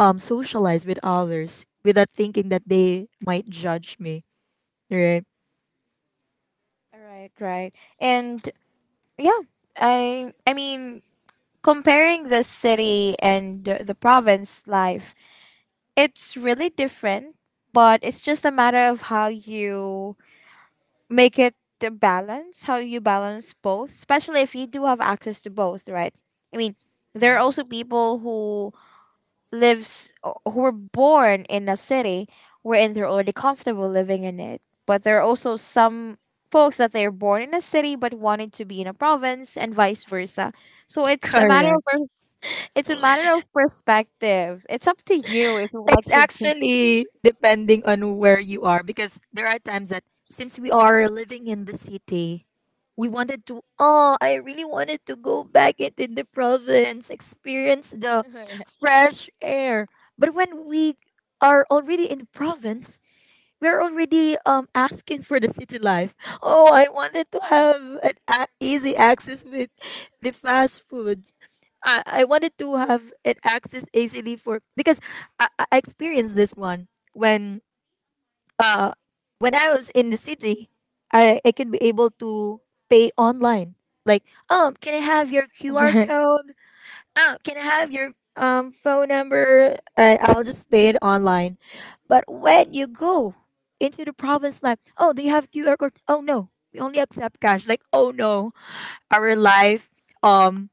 Speaker 2: socialize with others without thinking that they might judge me. Right.
Speaker 1: Right, right. And yeah, I mean, comparing the city and the province life, it's really different, but it's just a matter of how you make it the balance, how you balance both, especially if you do have access to both, right? I mean, there are
Speaker 2: Mhm.
Speaker 1: also people who lives who were born in a city wherein they're already comfortable living in it. But there are also some folks that they're born in a city but wanted to be in a province and vice versa. So it's a matter
Speaker 2: Correct.
Speaker 1: of perspective. It's up to you if you would like
Speaker 2: It's
Speaker 1: to be.
Speaker 2: actually depending on where you are, because there are times that since we are living in the city, we wanted to, oh, I really wanted to go back into the province, experience the fresh air. But when we are already in the province, we're already asking for the city life. Oh, I wanted to have easy access with the fast foods. I wanted to have an access easily for, because I experienced this one when uh when I was in the city, I can be able to pay online. Like, can I have your QR code? Oh, can I have your phone number? And I'll just pay it online. But when you go into the province, like, oh, do you have QR code? Oh no, we only accept cash. Like, oh no, our life um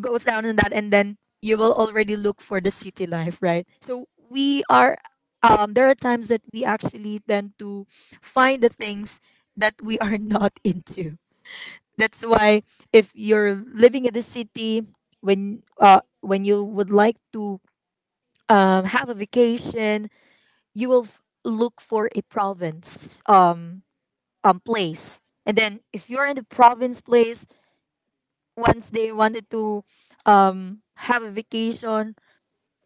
Speaker 2: goes down in that, and then you will already look for the city life, right? So we are. There are times that we actually tend to find the things that we are not into. That's why if you're living in the city, when you would like to have a vacation, you will look for a province place. And then if you're in the province place, once they wanted to have a vacation,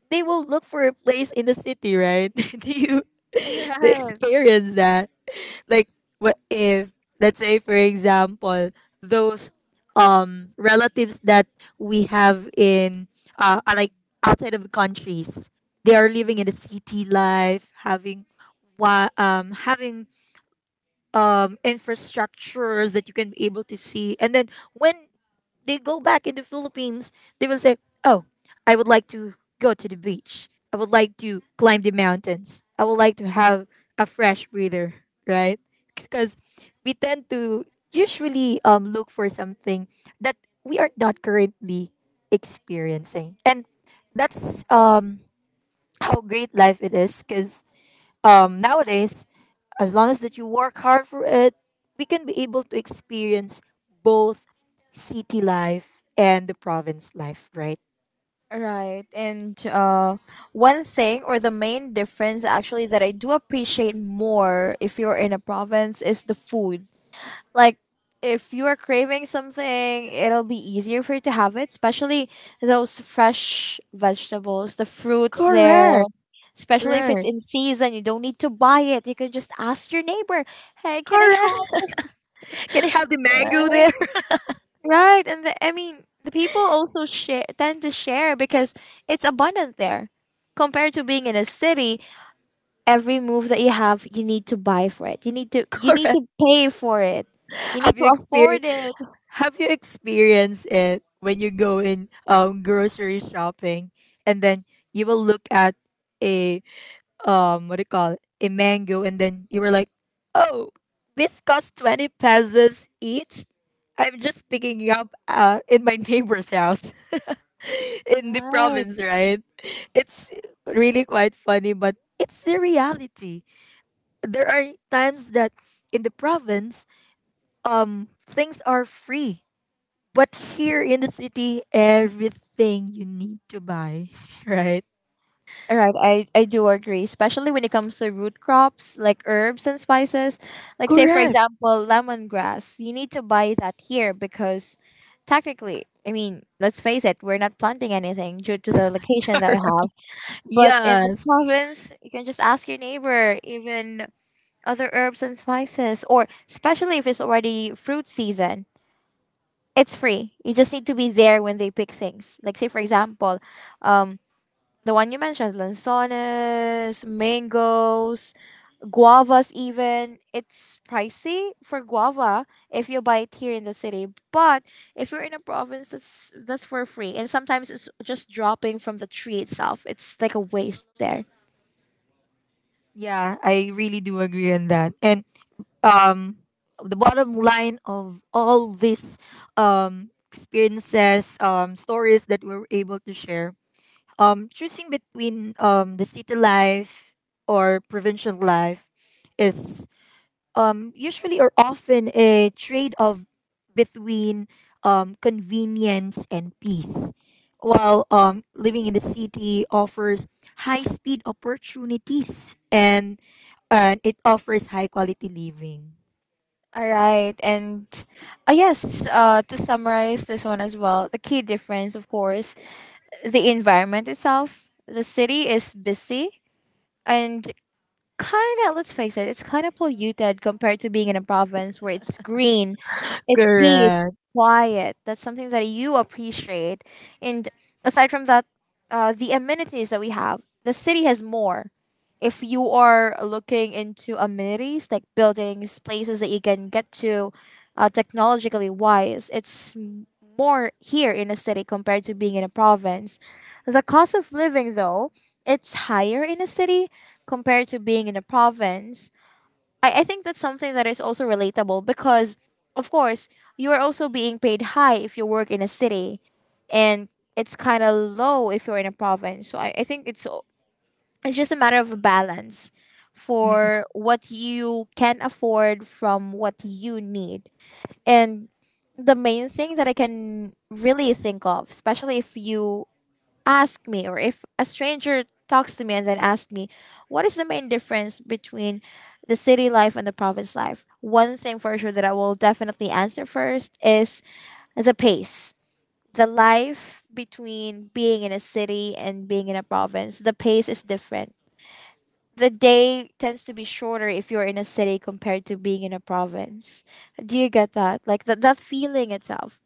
Speaker 2: they will look for a place in the city, right? Do you they
Speaker 1: Right.
Speaker 2: experience that? Like what if, let's say for example, those relatives that we have in are like outside of the countries, they are living in the city life, having having infrastructures that you can be able to see. And then when they go back in the Philippines, they will say, "Oh, I would like to go to the beach. I would like to climb the mountains. I would like to have a fresh breather." Right? Because we tend to usually look for something that we are not currently experiencing, and that's how great life it is. Because nowadays, as long as that you work hard for it, we can be able to experience both city life and the province life, right?
Speaker 1: Right. And one thing or the main difference actually that I do appreciate more if you're in a province is the food. Like, if you are craving something, it'll be easier for you to have it, especially those fresh vegetables, the fruits there.
Speaker 2: Correct.
Speaker 1: Especially if it's
Speaker 2: Right.
Speaker 1: in season, you don't need to buy it. You can just ask your neighbor, "Hey, can I
Speaker 2: Correct.
Speaker 1: have
Speaker 2: Can I have the mango there?
Speaker 1: Right, and the, I mean, the people also share tend to share because it's abundant there. Compared to being in a city, every move that you have, you need to buy for it. You need to you need
Speaker 2: Correct.
Speaker 1: to pay for it. You need
Speaker 2: Have
Speaker 1: to
Speaker 2: you experienced
Speaker 1: afford it.
Speaker 2: Have you experienced it when you go in grocery shopping, and then you will look at a what do you call it, a mango, and then you were like, oh, this costs 20 pesos each. I'm just picking it up in my neighbor's house in the
Speaker 1: Right.
Speaker 2: province, right? It's really quite funny, but it's the reality. There are times that in the province things are free, but here in the city everything you need to buy. Right?
Speaker 1: Right. I do agree, especially when it comes to root crops like herbs and spices. Like say for
Speaker 2: Correct.
Speaker 1: example, lemongrass. You need to buy that here because technically, I mean, let's face it, we're not planting anything due to the location that we have. But in the
Speaker 2: Yes.
Speaker 1: province, you can just ask your neighbor, even other herbs and spices, or especially if it's already fruit season, it's free. You just need to be there when they pick things. Like, say, for example, um, the one you mentioned, lanzones, mangoes, guavas, even. It's pricey for guava if you buy it here in the city. But if you're in a province, that's for free. And sometimes it's just dropping from the tree itself, it's like a waste there.
Speaker 2: Yeah, I really do agree on that. And um, the bottom line of all these experiences, stories that we were able to share, choosing between the city life or provincial life is usually or often a trade off between convenience and peace. While living in the city offers high speed opportunities, and it offers high quality living.
Speaker 1: All right, and yes, to summarize this one as well, the key difference, of course, the environment itself. The city is busy and kind of, let's face it, it's kind of polluted compared to being in a province where it's green, it's peace
Speaker 2: Correct.
Speaker 1: quiet, that's something that you appreciate. And aside from that, the amenities that we have, the city has more. If you are looking into amenities like buildings, places that you can get to, technologically wise, more here in a city compared to being in a province. The cost of living though, it's higher in a city compared to being in a province. I think that's something that is also relatable because, of course, you are also being paid high if you work in a city, and it's kind of low if you're in a province. So I think it's just a matter of a balance
Speaker 2: Mm.
Speaker 1: for what you can afford from what you need. And the main thing that I can really think of, especially if you ask me or if a stranger talks to me and then asks me what is the main difference between the city life and the province life, one thing for sure that I will definitely answer first is the pace. The life between being in a city and being in a province, the pace is different. The day tends to be shorter if you're in a city compared to being in a province. Do you get that, like that feeling itself?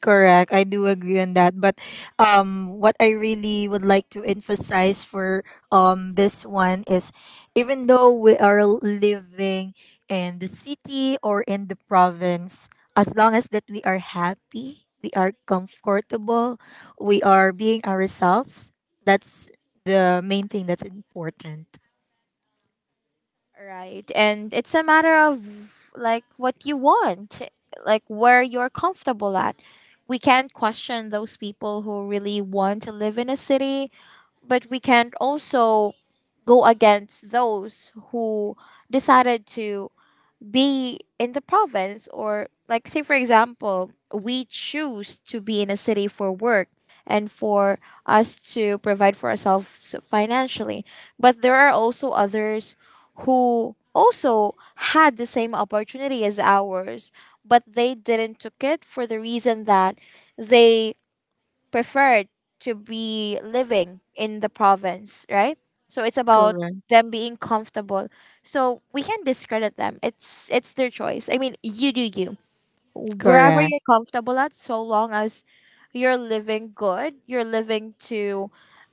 Speaker 2: Correct. I do agree on that. But what I really would like to emphasize for this one is, even though we are living in the city or in the province, as long as that we are happy, we are comfortable, we are being ourselves, that's the main thing that's important.
Speaker 1: Right. And it's a matter of like what you want, like where you're comfortable at. We can't question those people who really want to live in a city, but we can't also go against those who decided to be in the province, or like say for example we choose to be in a city for work and for us to provide for ourselves financially, but there are also others who also had the same opportunity as ours but they didn't took it for the reason that they preferred to be living in the province, right? So it's about
Speaker 2: Correct.
Speaker 1: them being comfortable. So we can't discredit them. It's their choice. I mean, you do you. Wherever
Speaker 2: Correct.
Speaker 1: you're comfortable at, so long as you're living good, you're living to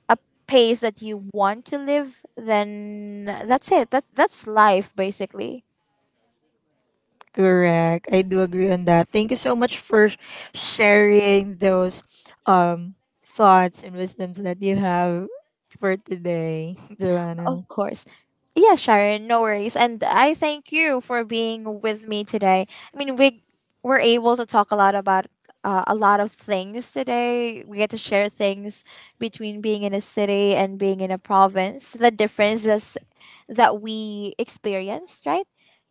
Speaker 1: a pace that you want to live, then that's it. That's life basically.
Speaker 2: Correct. I do agree on that. Thank you so much for sharing those um thoughts and wisdoms that you have for today, Joanna.
Speaker 1: Of course. Yeah, Sharon, no worries. And I thank you for being with me today. I mean, we were able to talk a lot about a lot of things today. We get to share things between being in a city and being in a province, the differences that we experienced, right?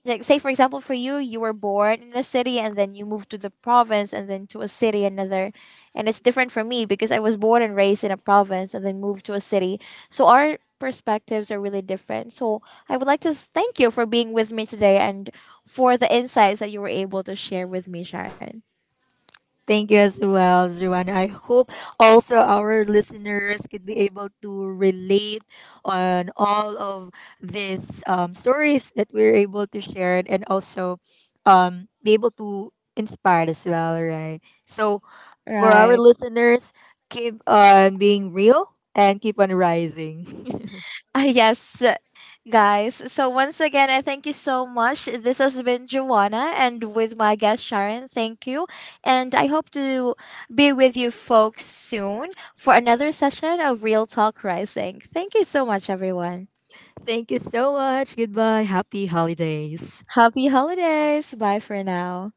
Speaker 1: Like, say, for example, for you, you were born in a city and then you moved to the province and then to a city, another. And it's different for me because I was born and raised in a province and then moved to a city. So our perspectives are really different. So I would like to thank you for being with me today and for the insights that you were able to share with me, Sharon.
Speaker 2: Thank you as well, Juan. I hope also our listeners could be able to relate on all of these stories that we're able to share, and also be able to inspire as well, right? So, for our
Speaker 1: Right.
Speaker 2: listeners, keep on being real and keep on rising.
Speaker 1: Ah, yes, guys. So once again, I thank you so much. This has been Joanna and with my guest Sharon. Thank you. And I hope to be with you folks soon for another session of Real Talk Rising. Thank you so much, everyone.
Speaker 2: Thank you so much. Goodbye. Happy holidays.
Speaker 1: Happy holidays. Bye for now.